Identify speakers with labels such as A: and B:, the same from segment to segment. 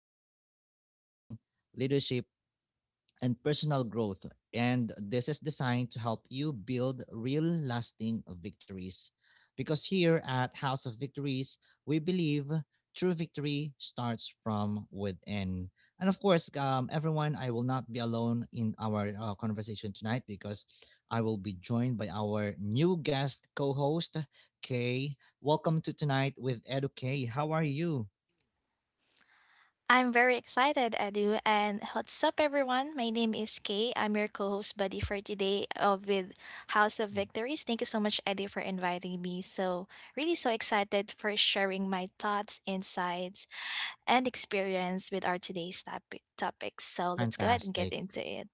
A: faith, healing, leadership, and personal growth. And this is designed to help you build real lasting victories. Because here at House of Victories, we believe true victory starts from within. And of course, everyone, I will not be alone in our conversation tonight because I will be joined by our new guest co host, Kay. Welcome to Tonight with Edu. How are you?
B: I'm very excited, Edu. And what's up, everyone? My name is Kay. I'm your co host buddy for today with House of Victories. Thank you so much, Edu, for inviting me. So, really so excited for sharing my thoughts, insights, and experience with our today's topics. So, let's go ahead and get
A: Fantastic.
B: into it.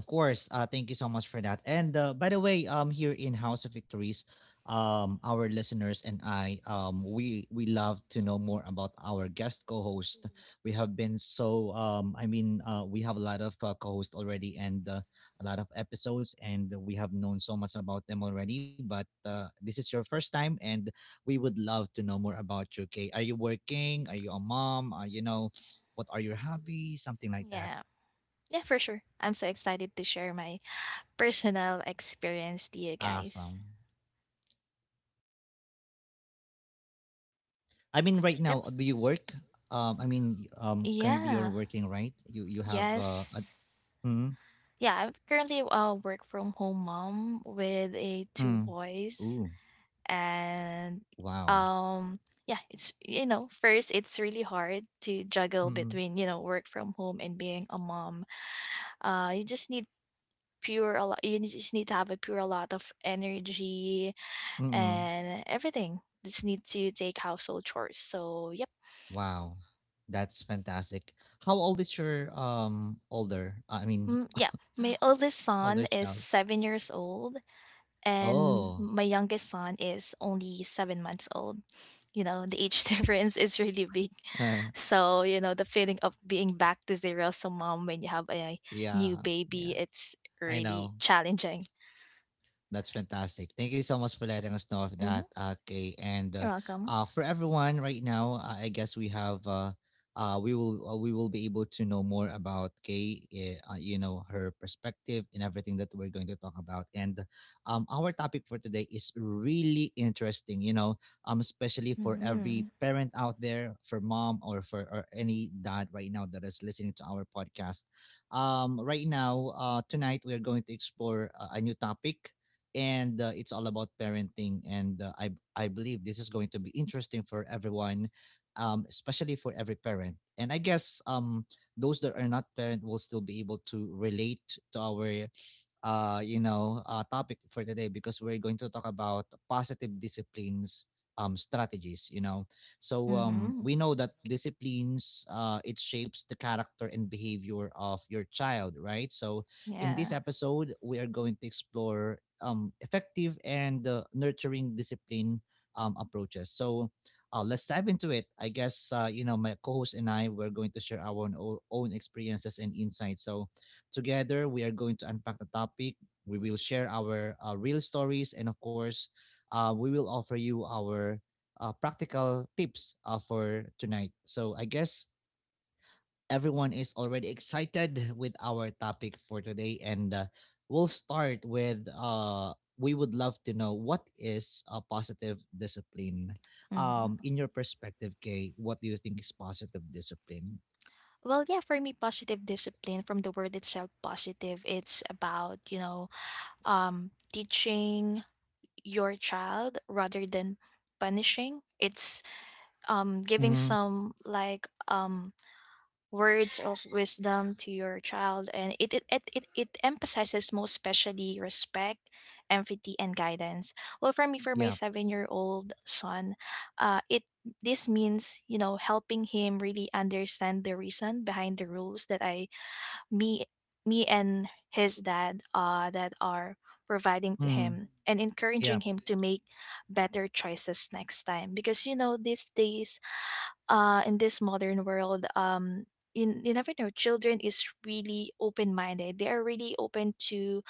A: Of course. Thank you so much for that. And by the way, here in House of Victories, our listeners and I, we love to know more about our guest co-host. We have been so, we have a lot of co-hosts already and a lot of episodes, and we have known so much about them already. But this is your first time, and we would love to know more about you. Okay, are you working? Are you a mom? You know, what are your hobbies? Something like that.
B: Yeah. Yeah, for sure. I'm so excited to share my personal experience to you guys.
A: Awesome. I mean, right
B: Yep.
A: now, do you work? Currently you're
B: Yeah.
A: working, right? You have a
B: Yes.
A: mm,
B: Yeah, I'm currently a work from home mom with a two
A: mm,
B: boys
A: ooh,
B: and
A: wow,
B: um yeah, it's first it's really hard to juggle
A: mm,
B: between, work from home and being a mom. You just need pure a lot you just need to have a pure lot of energy
A: mm,
B: and everything. Just need to take household chores. So, yep.
A: wow, that's fantastic. How old is your
B: Yeah, my oldest
A: older
B: son is
A: child?
B: 7 years old and
A: Oh,
B: my youngest son is only 7 months old. You know, the age difference is really big.
A: uh,
B: So, you know, the feeling of being back to zero as a mom when you have a new
A: yeah, yeah.
B: baby, it's
A: I
B: really
A: know.
B: challenging.
A: That's fantastic. Thank you so much for letting us know of
B: hmm
A: that. Okay, and
B: You're welcome.
A: for everyone right now, I guess we have we will be able to know more about Kay, you know, her perspective and everything that we're going to talk about. And our topic for today is really interesting, you know, especially for
B: Mm-hmm.
A: every parent out there, for mom or for or any dad right now that is listening to our podcast right now. Tonight we're going to explore a new topic, and it's all about parenting, and I believe this is going to be interesting for everyone, especially for every parent. And I guess those that are not parent will still be able to relate to our topic for today, because we're going to talk about positive disciplines strategies, you know. So
B: Mm-hmm.
A: we know that disciplines it shapes the character and behavior of your child, right? So in this
B: Yeah.
A: episode, we are going to explore effective and nurturing discipline approaches. So let's dive into it. I guess you know my co-host and I we're going to share own experiences and insights. So together we are going to unpack the topic. We will share our real stories, and of course, we will offer you our practical tips for tonight. So I guess everyone is already excited with our topic for today. And we'll start with we would love to know, what is a positive discipline?
B: hmm
A: In your perspective, Kay, what do you think is positive discipline?
B: Well, yeah, for me, positive discipline from the word itself, positive, it's about, you know, teaching your child rather than punishing. It's giving
A: Mm-hmm.
B: some like words of wisdom to your child, and it emphasizes most especially respect, empathy, and guidance. Well, for me, for my
A: Yeah.
B: 7 year old son, it this means, you know, helping him really understand the reason behind the rules that I me me and his dad that are providing to
A: Mm.
B: him, and encouraging
A: Yeah.
B: him to make better choices next time. Because you know these days, in this modern world, you never know. Children is really open minded. They are really open to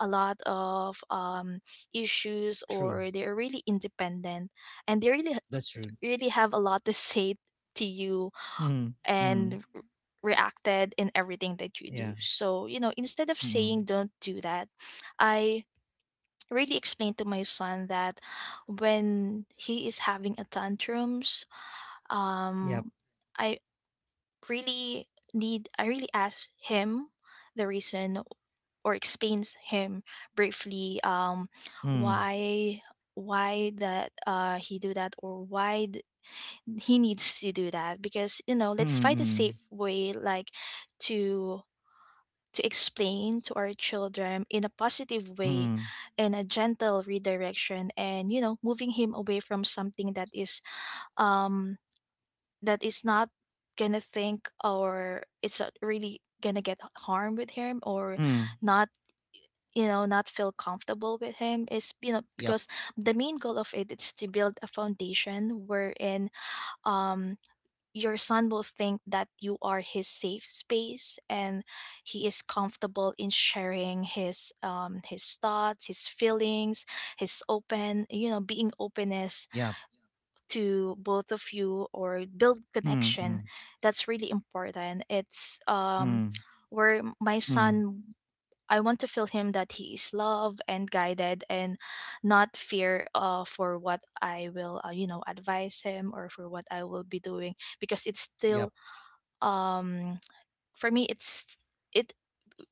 B: a lot of issues,
A: True.
B: or they are really independent, and they really
A: That's true.
B: really have a lot to say to you
A: Mm. Mm.
B: and reacted in everything that you do.
A: Yeah.
B: So you know, instead of
A: Mm.
B: saying don't do that, I really explained to my son that when he is having a tantrums
A: Yep.
B: um. I, really need I really asked him the reason or explains him briefly
A: Mm.
B: why why that he do that or why he needs to do that. Because you know, let's
A: Mm.
B: find a
A: Mm.
B: safe way, like to explain to our children in a positive way,
A: Mm.
B: in a gentle redirection, and you know, moving him away from something um that is not gonna think, or it's not really gonna get harm with him or
A: Mm.
B: not, you know, not feel comfortable with him is, you know,
A: Yep.
B: because the main goal of it is to build a foundation wherein um your son will think that you are his safe space, and he is comfortable in sharing his thoughts, his feelings, his open, you know, being
A: Yep.
B: openness to both of you, or build
A: Mm. Mm.
B: connection. That's really important. It's
A: Mm.
B: where my
A: Mm.
B: son, I want to feel him that he is loved and guided, and not fear for what I will you know, advise him, or for what I will be doing. Because it's still
A: Yep.
B: um for me, it's it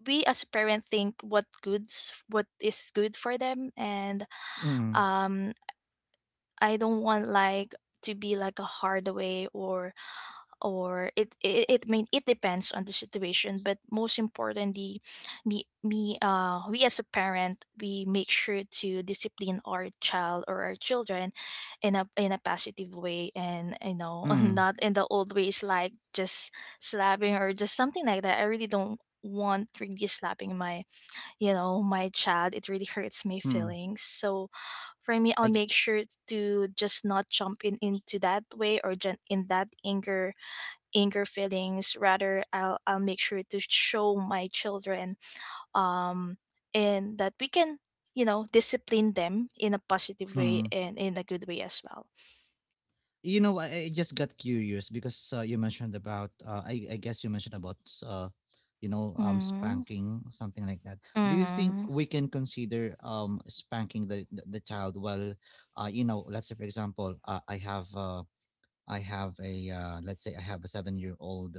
B: we as a parent think what goods what is good for them. And
A: Mm.
B: um I don't want like to be like a hard way, or or it depends on the situation, but most importantly, me me we as a parent, we make sure to discipline our child or our children in a positive way, and you know,
A: Mm.
B: not in the old ways like just slapping or just something like that. I really don't want really slapping my, you know, my child. It really hurts my
A: Mm.
B: feelings. So for me, I'll
A: I g-
B: make sure to just not jump in into that way, or in that anger feelings, rather I'll make sure to show my children um and that we can, you know, discipline them in a positive way,
A: hmm.
B: and in a good way as well.
A: You know, I just got curious because you mentioned about you mentioned about you know,
B: Mm-hmm.
A: spanking, something like that. Do you think
B: Mm-hmm.
A: we can consider spanking the child while you know, let's say for example I have a let's say I have a 7 year old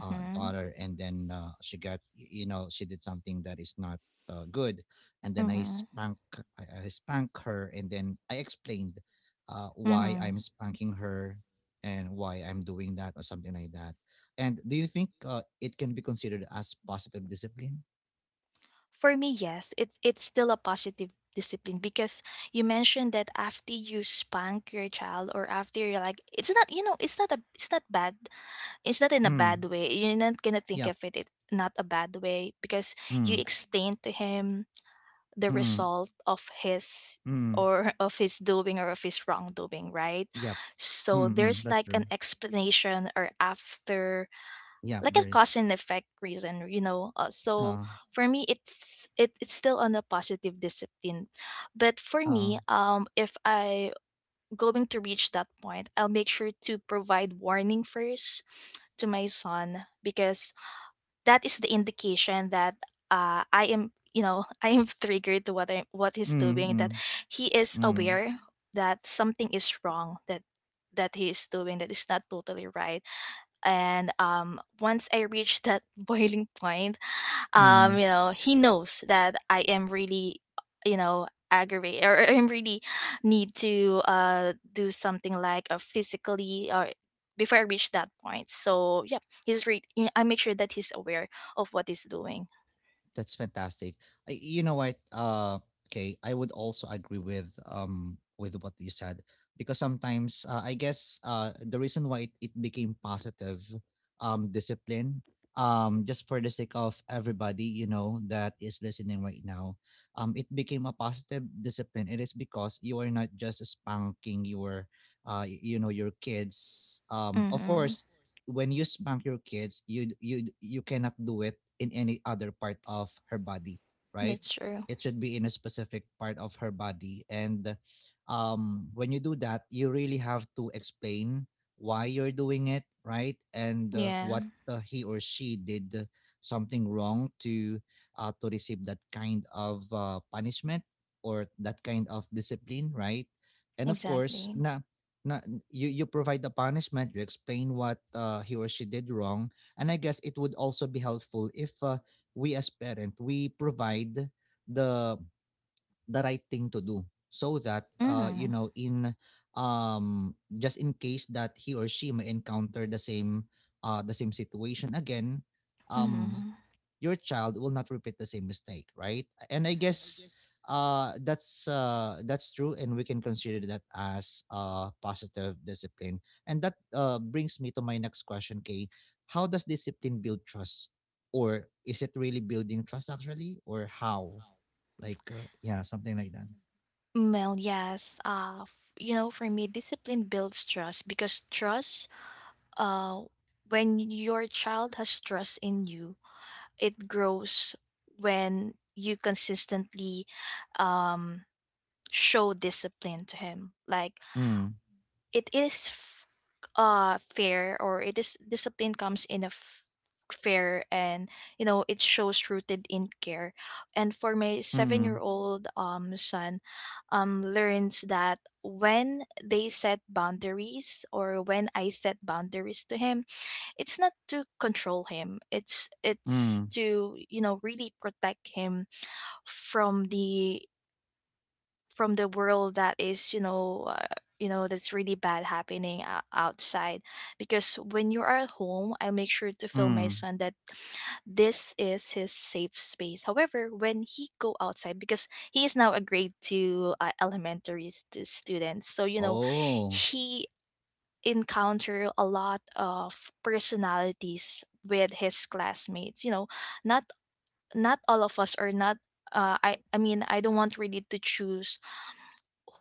A: daughter, and then she got you know, she did something that is not good, and then
B: Mm-hmm.
A: I spank her, and then I explained why
B: Mm-hmm.
A: I'm spanking her and why I'm doing that, or something like that. And do you think it can be considered as positive discipline?
B: For me, yes, it's still a positive discipline, because you mentioned that after you spank your child, or after you're like, it's not, you know, it's not bad, it's not in a bad
A: Mm.
B: way. You're not gonna think
A: Yep.
B: of it it not a bad way, because you
A: Mm.
B: explain to him the
A: Mm.
B: result of his
A: Mm.
B: or of his doing, or of his wrongdoing, right?
A: Yep.
B: So
A: Mm. Mm.
B: there's
A: That's
B: like
A: true.
B: an explanation, or after
A: Yep.
B: like a
A: There is.
B: cause and effect reason, you know. So
A: Uh.
B: for me, it's still on a positive discipline. But for
A: Uh.
B: me, if I going to reach that point, I'll make sure to provide warning first to my son, because that is the indication that I am, you know, I am triggered to what I, what he's
A: Mm.
B: doing. That
A: Mm.
B: he is
A: Mm.
B: aware that something is wrong. That he is doing that is not totally right. And once I reach that boiling point,
A: Mm.
B: you know, he knows that I am really, you know, aggravated, or I'm really need to do something like physically, or before I reach that point. So yeah, he's read I make sure that he's aware of what he's doing.
A: That's fantastic. You know what? Okay, I would also agree with what you said, because sometimes I guess the reason why it became positive discipline, just for the sake of everybody, you know, that is listening right now, it became a positive discipline, it is because you are not just spanking your you know, your kids. Of
B: Mm-hmm.
A: course, when you spank your kids, you cannot do it in any other part of her body, right?
B: That's true.
A: It should be in a specific part of her body. And when you do that, you really have to explain why you're doing it, right? And
B: Yeah.
A: what he or she did something wrong to receive that kind of punishment, or that kind of discipline, right? And of course,
B: Exactly.
A: na Na you you provide the punishment, you explain what he or she did wrong, and I guess it would also be helpful if we as parent we provide the the right thing to do so that you
B: Mm-hmm.
A: know, in just in case that he or she may encounter the same situation again. um
B: Mm-hmm.
A: your child will not repeat the same mistake, right? And I guess that's true, and we can consider that as positive discipline. And that brings me to my next question, Kay. How does discipline build trust, or is it really building trust actually, or how, something like that?
B: Well, yes, you know, for me, discipline builds trust, because trust uh when your child has trust in you, it grows when you consistently um, show discipline to him. Like
A: Mm,
B: it is fair, or it is discipline comes in a fair, and you know, it shows rooted in care. And for my
A: mm,
B: seven-year-old son, learns that when they set boundaries, or when I set boundaries to him, it's not to control him, it's
A: mm,
B: to, you know, really protect him from the world that is, you know, you know, that's really bad happening outside. Because when you are at home, I make sure to tell my
A: mm,
B: son that this is his safe space. However, when he go outside, because he is now a grade 2 elementary student, so you know,
A: oh,
B: he encounter a lot of personalities with his classmates. You know, not not all of us, or not, I mean, I don't want really to choose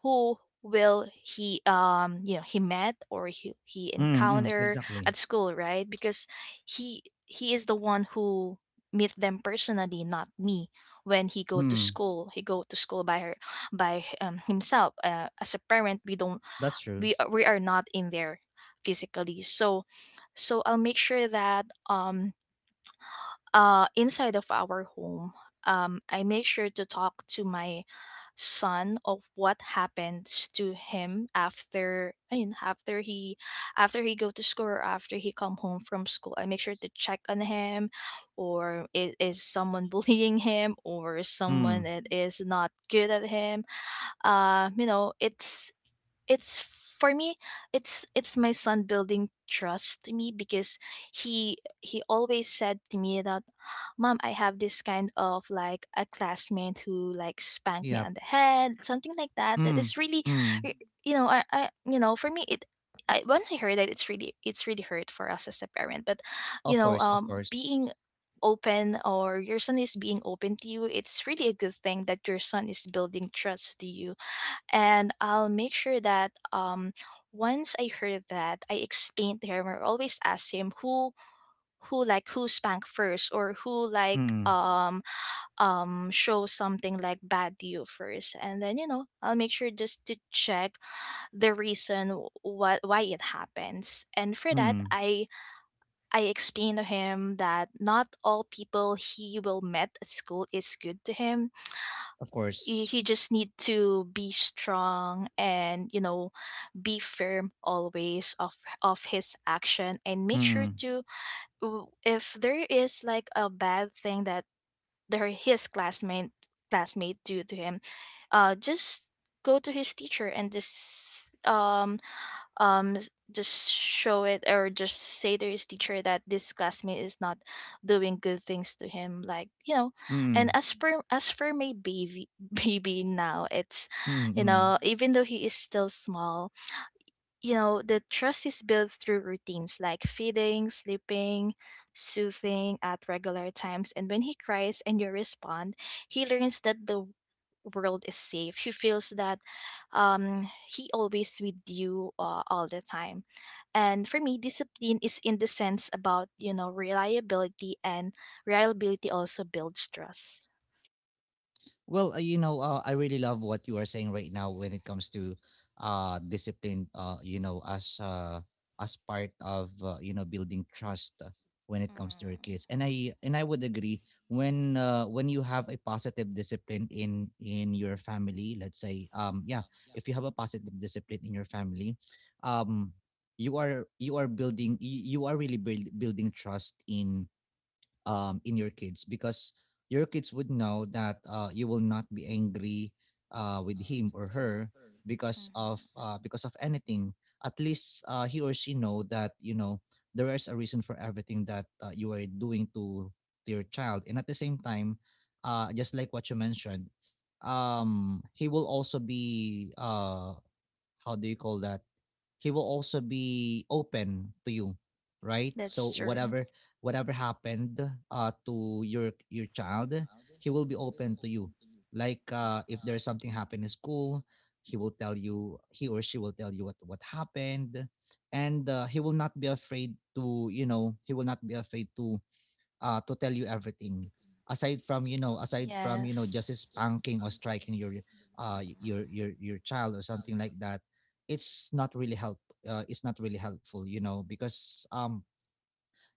B: who will he you know, he met, or he
A: mm, mm,
B: encounter
A: exactly,
B: at school, right? Because he is the one who meet them personally, not me. When he go to
A: mm,
B: school, he go to school by her, by himself. As a parent,
A: that's true,
B: we are not in there physically. So so I'll make sure that inside of our home, I make sure to talk to my son of what happens to him after I mean, after he, after he go to school, or after he come home from school, I make sure to check on him, or is someone bullying him, or is someone
A: mm.
B: that is not good at him. You know, it's for me, it's my son building trust to me, because he always said to me that mom, I have this kind of like a classmate who like spanked me
A: Yep.
B: on the head, something like that, that
A: Mm,
B: is really
A: mm.
B: y- you know, I you know, for me it, I, once I heard that, it's really, it's really hurt for us as a parent. But you
A: Of
B: know,
A: course, of course.
B: being open, or your son is being open to you, it's really a good thing that your son is building trust to you. And I'll make sure that once I heard that, I explained to him, or always ask him, who who spanked first, or who like
A: Mm,
B: show something like bad to you first. And then you know, I'll make sure just to check the reason what why it happens. And for that,
A: mm.
B: I explained to him that not all people he will met at school is good to him.
A: Of
B: you,
A: course.
B: you just need to be strong, and you know, be firm always of his action, and make sure
A: Mm,
B: to if there is like a bad thing that their his classmate do to him, just go to his teacher, and just just show it, or just say to his teacher that this classmate is not doing good things to him, like, you know. And
A: mm,
B: as for, my baby, baby now, it's,
A: mm,
B: you
A: mm.
B: know, even though he is still small, you know, the trust is built through routines like feeding, sleeping, soothing at regular times. And when he cries and you respond, he learns that the world is safe. He feels that he always with you all the time. And for me, discipline is in the sense about, you know, reliability and reliability also builds trust.
A: Well, you know, I really love what you are saying right now when it comes to discipline. You know, as part of you know, building trust when it comes to your
B: Mm-hmm.
A: kids, and I would agree when you have a positive discipline in your family. Let's say, yeah, if you have a positive discipline in your family, um, you are building trust in your kids, because your kids would know that you will not be angry with him or her because of anything. At least he or she know that you know there is a reason for everything that you are doing to your child. And at the same time, just like what you mentioned, he will also be how do you call that? He will also be open to you, right?
B: That's
A: So
B: true.
A: whatever, whatever happened to your child, he will be open to you. Like if there's something happened in school, he will tell you, he or she will tell you what happened, and he will not be afraid to, you know, he will not be afraid to tell you everything. Aside from, you know, aside from, you know,
B: Yes.
A: just spanking or striking your
B: Mm.
A: your child, or something like that, it's not really help, it's not really helpful, you know, because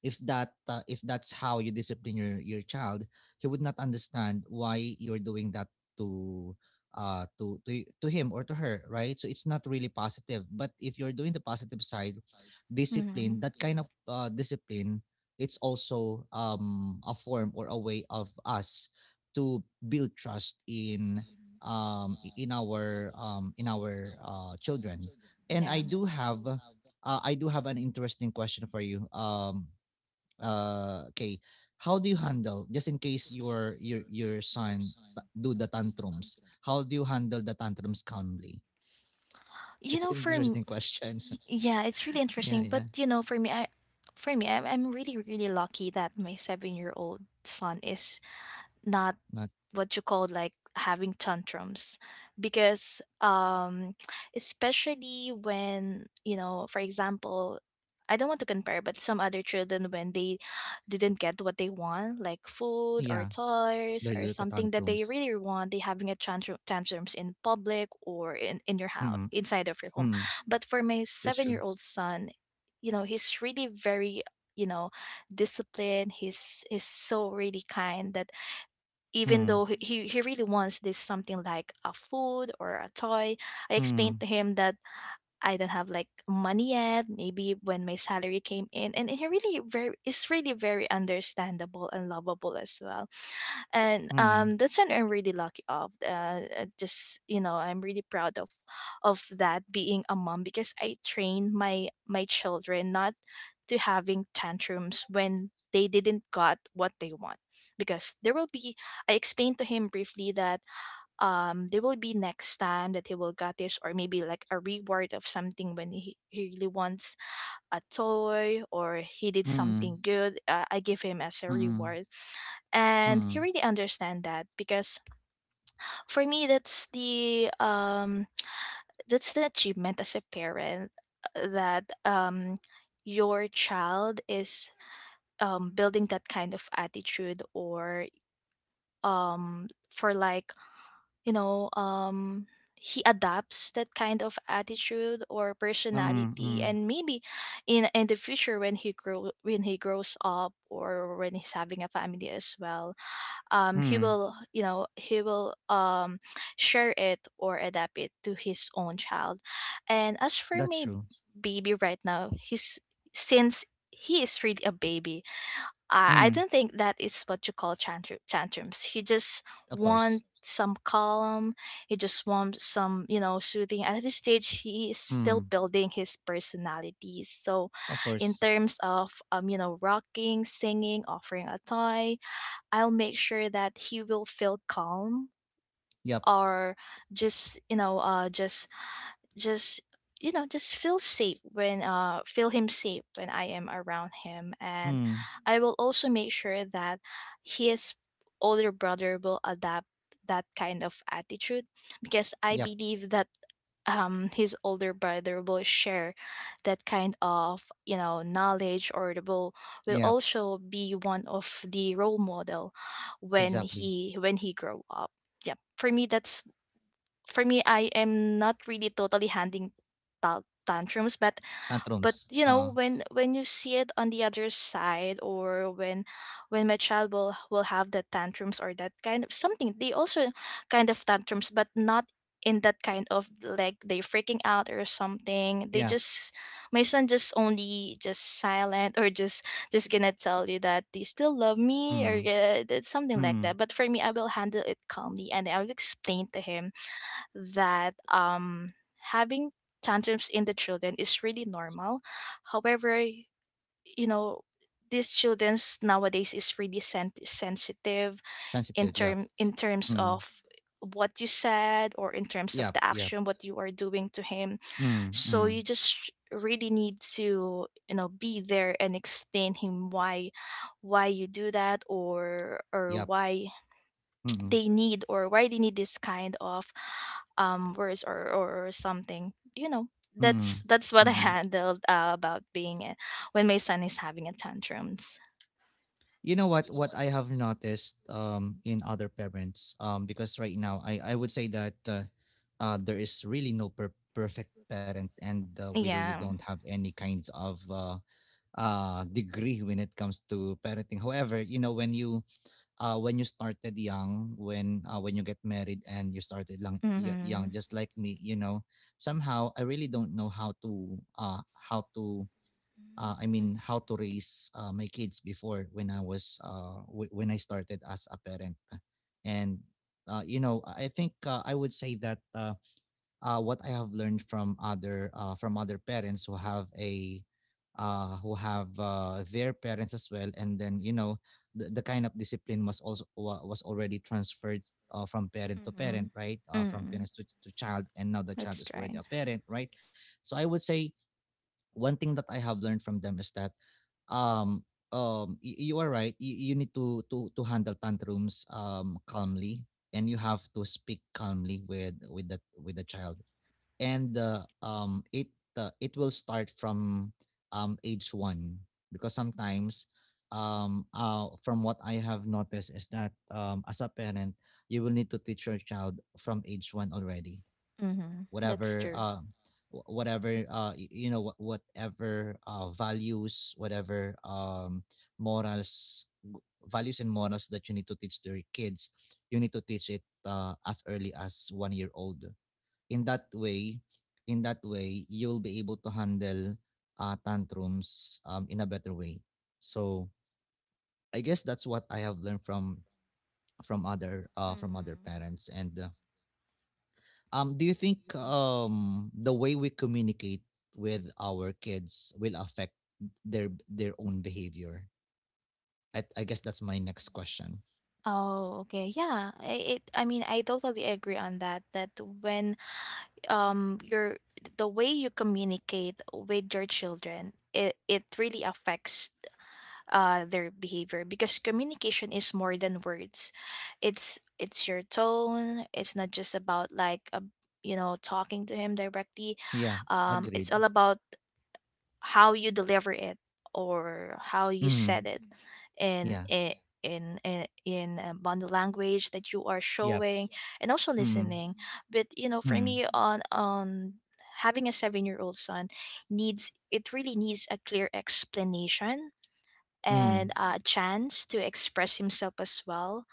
A: if that if that's how you discipline your child, he would not understand why you're doing that to to to him or to her, right? So it's not really positive. But if you're doing the positive side discipline,
B: Mm.
A: that kind of discipline, it's also a form, or a way of us to build trust in in our children. And
B: Yeah.
A: I do have an interesting question for you. Okay, how do you handle, just in case your son do the tantrums, how do you handle the tantrums calmly?
B: You
A: It's
B: know,
A: an
B: for m-
A: interesting question.
B: yeah, it's really
A: Yeah,
B: interesting. But
A: yeah.
B: you know, for me, I for me, I'm really really lucky that my 7 year old son is not
A: Not,
B: what you call like having tantrums because especially when you know for example I don't want to compare but some other children when they didn't get what they want like food or
A: yeah,
B: toys
A: they
B: or
A: do the
B: something that they
A: tantrums.
B: really want they having a tantrums in public or in your house
A: Mm,
B: inside of your home.
A: mm,
B: But for my
A: that's
B: 7 year
A: true,
B: old son, you know, he's really very, you know, disciplined. He's so really kind that even
A: mm,
B: though he really wants this something like a food or a toy, I explained
A: mm,
B: to him that I don't have like money yet. Maybe when my salary came in, and it really very it's really very understandable and lovable as well. And
A: mm,
B: that's something I'm really lucky of. Just you know, I'm really proud of that being a mom because I trained my my children not to having tantrums when they didn't got what they want. Because there will be, I explained to him briefly that there will be next time that he will got this or maybe like a reward of something when he really wants a toy or he did
A: mm,
B: something good. I give him as a
A: mm,
B: reward and he
A: mm,
B: really understand that. Because for me that's the achievement as a parent. That your child is building that kind of attitude, or for like, you know, he adopts that kind of attitude or
A: mm, mm,
B: personality. And maybe in the future, when he grow when he grows up or when he's having a family as well, he
A: mm,
B: will, you know, he will share it or adapt it to his own child. And as for
A: that's
B: my
A: true,
B: baby right now, he's, since he is really a baby, I
A: mm,
B: don't think that is what you call tantrums. He just
A: of course,
B: want some calm. He just want some, you know, soothing. At this stage, he is still
A: mm,
B: building his personality. So,
A: of
B: in
A: course,
B: terms of, you know, rocking, singing, offering a toy, I'll make sure that he will feel calm,
A: yep,
B: or just you know just you know just feel safe when feel him safe when I am around him. And
A: mm,
B: I will also make sure that his older brother will adapt that kind of attitude, because I
A: yep,
B: believe that his older brother will share that kind of, you know, knowledge or the will
A: yep,
B: also be one of the role model
A: exactly,
B: when he grow up. Yeah, for me that's, for me I am not really totally handing tantrums,
A: tantrums
B: but you know when you see it on the other side, or when my child will have the tantrums or that kind of something, they also kind of tantrums, but not in that kind of like they freaking out or something. They
A: yeah,
B: just, my son just only just silent, or just gonna tell you that they still love me, or
A: mm.
B: something like
A: Mm.
B: that. But for me I will handle it calmly and I'll explain to him that having tantrums in the children is really normal. However, you know, these childrens nowadays is really sensitive in
A: Sensitive, yep.
B: term in terms
A: Mm.
B: of what you said, or in terms of
A: Yep,
B: the
A: yep.
B: action what you are doing to him.
A: Mm,
B: So
A: mm.
B: you just really need to you know be there and explain him why you do that, or
A: Yep.
B: why
A: Mm,
B: they need, or why they need this kind of words, or something, you know.
A: mm,
B: That's what I
A: mm.
B: handled about being a, when my son is having a tantrums.
A: You know what I have noticed in other parents, because right now I would say that there is really no perfect parent, and we really
B: Yeah.
A: don't have any kinds of degree when it comes to parenting. However, you know when you started young, when you get married and you started
B: Mm-hmm.
A: young, just like me, you know, somehow I really don't know how to I mean how to raise my kids before when I was when I started as a parent, and you know I think I would say that. What I have learned from other parents who have a who have their parents as well, and then you know the kind of discipline was also was already transferred from parent to
B: Mm-hmm.
A: parent, right? From
B: Mm-hmm.
A: parents to child, and now the child
B: That's
A: is already
B: right.
A: a parent, right? So I would say one thing that I have learned from them is that um you are right you need to handle tantrums calmly, and you have to speak calmly with the child. And it it will start from age 1, because sometimes from what I have noticed is that as a parent you will need to teach your child from age 1 already,
B: Mm-hmm. That's
A: whatever
B: true.
A: whatever whatever values, whatever morals g- values and morals that you need to teach to your kids. You need to teach it as early as one year old. in that way in that way you'll be able to handle tantrums, in a better way. So I guess that's what I have learned from other
B: Mm-hmm.
A: parents and do you think the way we communicate with our kids will affect their own behavior? I guess that's my next question.
B: Oh, okay. Yeah. I mean, I totally agree on that. That when your, the way you communicate with your children, it really affects their behavior, because communication is more than words. It's your tone. It's not just about like a, you know, talking to him directly.
A: Yeah, agreed.
B: It's all about how you deliver it, or how you
A: Mm,
B: said it, in
A: yeah.
B: body language that you are
A: Yep.
B: showing, and also
A: Mm,
B: listening. But you know, for
A: mm,
B: me, on having a 7 year old son, needs it really needs a clear explanation
A: mm,
B: and a chance to express himself as well.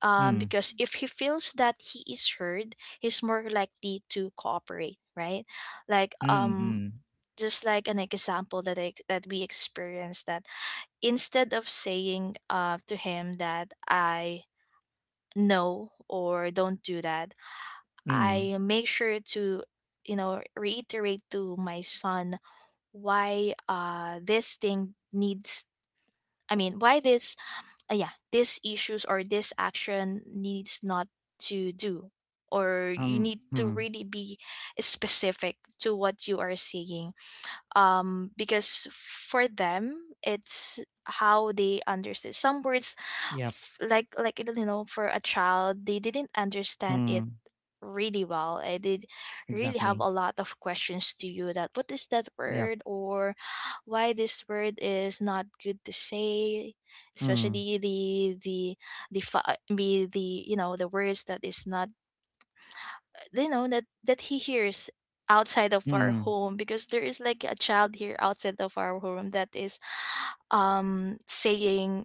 A: mm,
B: Because if he feels that he is heard, he's more likely to cooperate, right? Like
A: mm, mm,
B: just like an example that that we experienced, that instead of saying to him that I no or don't do that,
A: mm.
B: I make sure to you know reiterate to my son why this thing needs, I mean why this, yeah, these issues or this action needs not to do, or you need to
A: Hmm.
B: really be specific to what you are seeing. Because for them, it's how they understand some words,
A: Yep.
B: like you know, for a child, they didn't understand it
A: Mm,
B: really well. I did really have
A: exactly.
B: a lot of questions to you that what is that
A: Yep.
B: word, or why this word is not good to say,
A: Mm,
B: especially the, you know, the words that is not, you know, that that he hears outside of our
A: mm.
B: home, because there is like a child here outside of our home that is saying,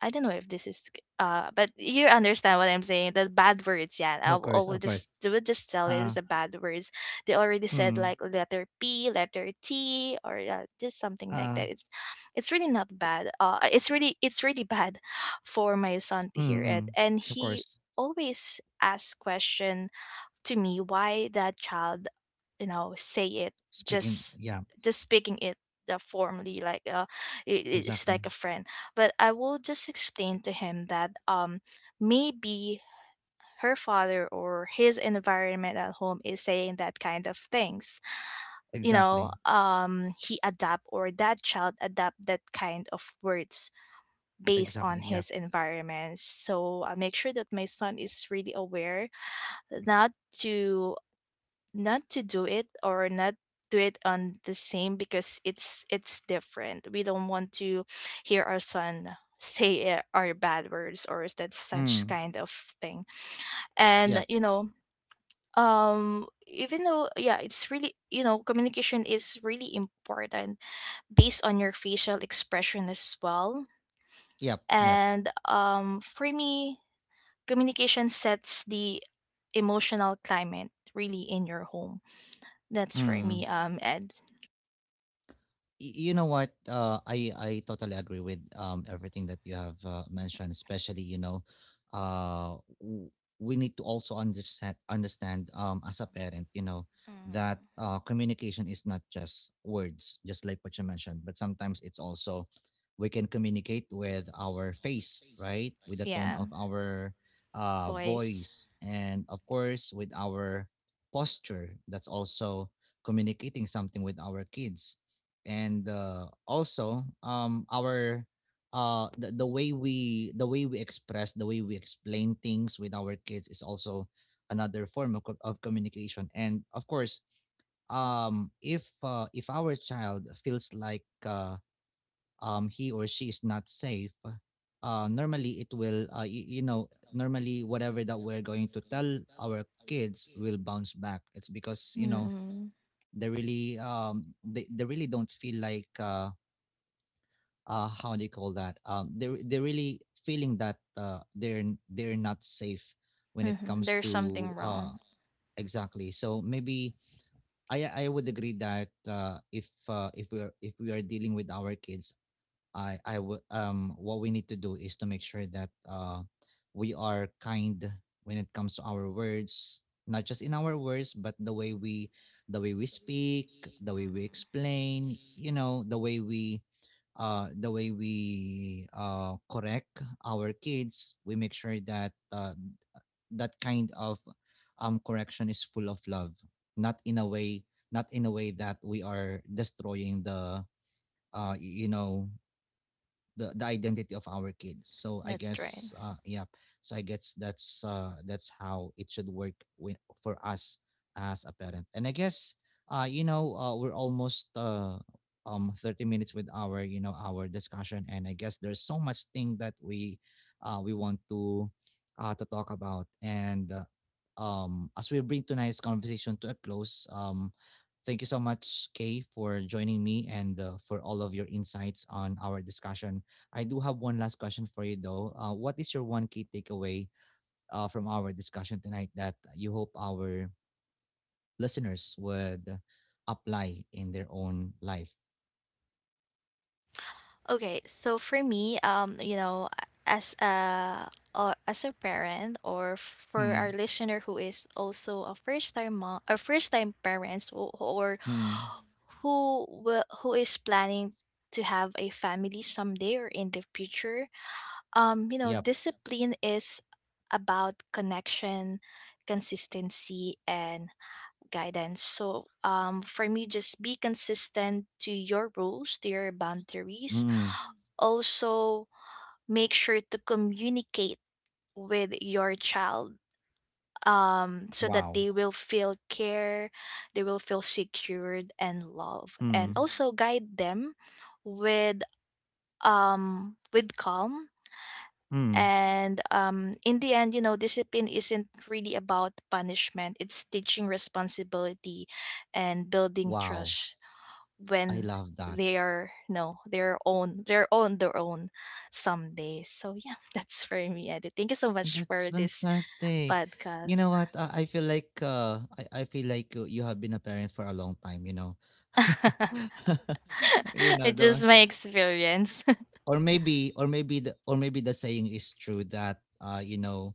B: I don't know if this is but you understand what I'm saying. The bad words, yeah.
A: Of
B: I
A: course,
B: will
A: of course.
B: just, they will just tell it
A: Uh,
B: as the bad words. They already said
A: mm,
B: like letter P, letter T, or just something like
A: mm,
B: that. It's really not bad. It's really, it's really bad for my son to hear it.
A: mm.
B: And
A: Of
B: he
A: course.
B: always asks question to me why that child, you know, say it,
A: Speaking,
B: just
A: yeah,
B: speaking it the formally, like it, it's
A: exactly.
B: like a friend. But I will just explain to him that maybe her father or his environment at home is saying that kind of things, you
A: Exactly.
B: know. Um, he adapt, or that child adapt that kind of words based on
A: Exactly. Yep.
B: his environment. So I make sure that my son is really aware not to do it, or not do it on the same, because it's different. We don't want to hear our son say it, or bad words, or is that such
A: Mm.
B: kind of thing.
A: Yep.
B: And you know, even though yeah, it's really, you know, communication is really important based on your facial expression as well.
A: Yep. Yep.
B: And for me, communication sets the emotional climate really in your home. That's for me,
A: Mm.
B: and
A: You know what, I totally agree with everything that you have mentioned, especially, you know, uh w- we need to also understand, as a parent, you know, that
B: Mm.
A: communication is not just words, just like what you mentioned, but sometimes it's also, we can communicate with our face, right, with the tone
B: Yeah,
A: of our
B: voice.
A: voice, and of course with our posture. That's also communicating something with our kids. And also our the way we, the way we express, the way we explain things with our kids is also another form of communication. And of course, if our child feels like he or she is not safe, normally it will you know, normally whatever that we're going to tell our kids will bounce back. It's because, you know,
B: Mm-mm.
A: they really they really don't feel like how do you call that, they're really feeling that they're they're not safe when
B: Hmm.
A: it comes
B: There's something
A: to
B: wrong.
A: exactly. So maybe I would agree that if we're, if we are dealing with our kids, I would what we need to do is to make sure that we are kind when it comes to our words. Not just in our words, but the way we, the way we speak, the way we
B: Mm-hmm.
A: explain, you know, the way we correct our kids, we make sure that that kind of correction is full of love. not in a way, Not in a way that we are destroying you know, the identity of our kids. So I
B: That's right.
A: guess yeah, so I guess that's how it should work with, for us as a parent. And I guess we're almost 30 minutes with our, you know, our discussion, and I guess there's so much thing that we want to talk about. And as we bring tonight's conversation to a close, thank you so much, Kay, for joining me, and for all of your insights on our discussion. I do have one last question for you though. What is your one key takeaway from our discussion tonight that you hope our listeners would apply in their own life?
B: Okay, so for me, you know, as a, as a parent, or for our
A: Hmm.
B: listener who is also a first time mom, a first time parents, or
A: Hmm.
B: who will, who is planning to have a family someday or in the future, you know
A: Yep.
B: discipline is about connection, consistency and guidance. So for me, just be consistent to your rules, to your boundaries.
A: Hmm.
B: Also make sure to communicate with your child, so that
A: Wow.
B: they will feel care, they will feel secured and love,
A: Hmm.
B: and also guide them with with calm.
A: Hmm.
B: And in the end, you know, discipline isn't really about punishment, it's teaching responsibility and building
A: Wow.
B: trust,
A: I
B: when
A: love that.
B: they are no their own, they're on their own someday. So yeah, that's for me, Eddie. Thank you so much
A: That's
B: for this
A: fantastic. You
B: podcast.
A: know what? I feel like I feel like you have been a parent for a long time. You know, you know
B: It's just
A: the,
B: my experience.
A: or maybe, or maybe the, or maybe the saying is true that you know,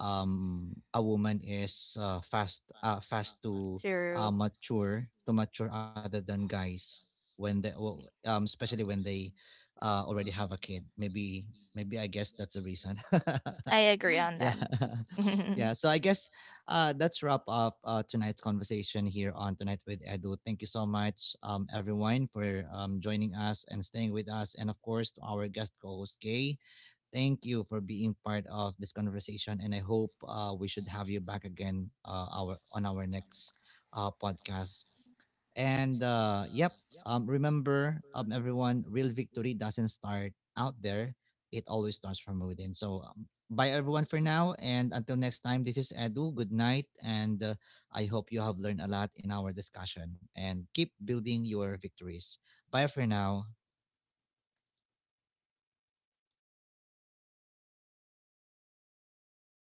A: a woman is fast to
B: True.
A: mature other than guys when they, well, especially when they already have a kid, maybe. Maybe I guess that's a reason.
B: I agree on
A: Yeah.
B: that.
A: Yeah. So I guess that's wrap up tonight's conversation here on Tonight with Edu. Thank you so much, everyone, for joining us and staying with us. And of course, to our guest co host, Kay, thank you for being part of this conversation. And I hope we should have you back again our on our next podcast. And yep, remember, everyone, real victory doesn't start out there. It always starts from within. So, bye everyone for now. And until next time, this is Edu. Good night. And I hope you have learned a lot in our discussion, and keep building your victories. Bye for now.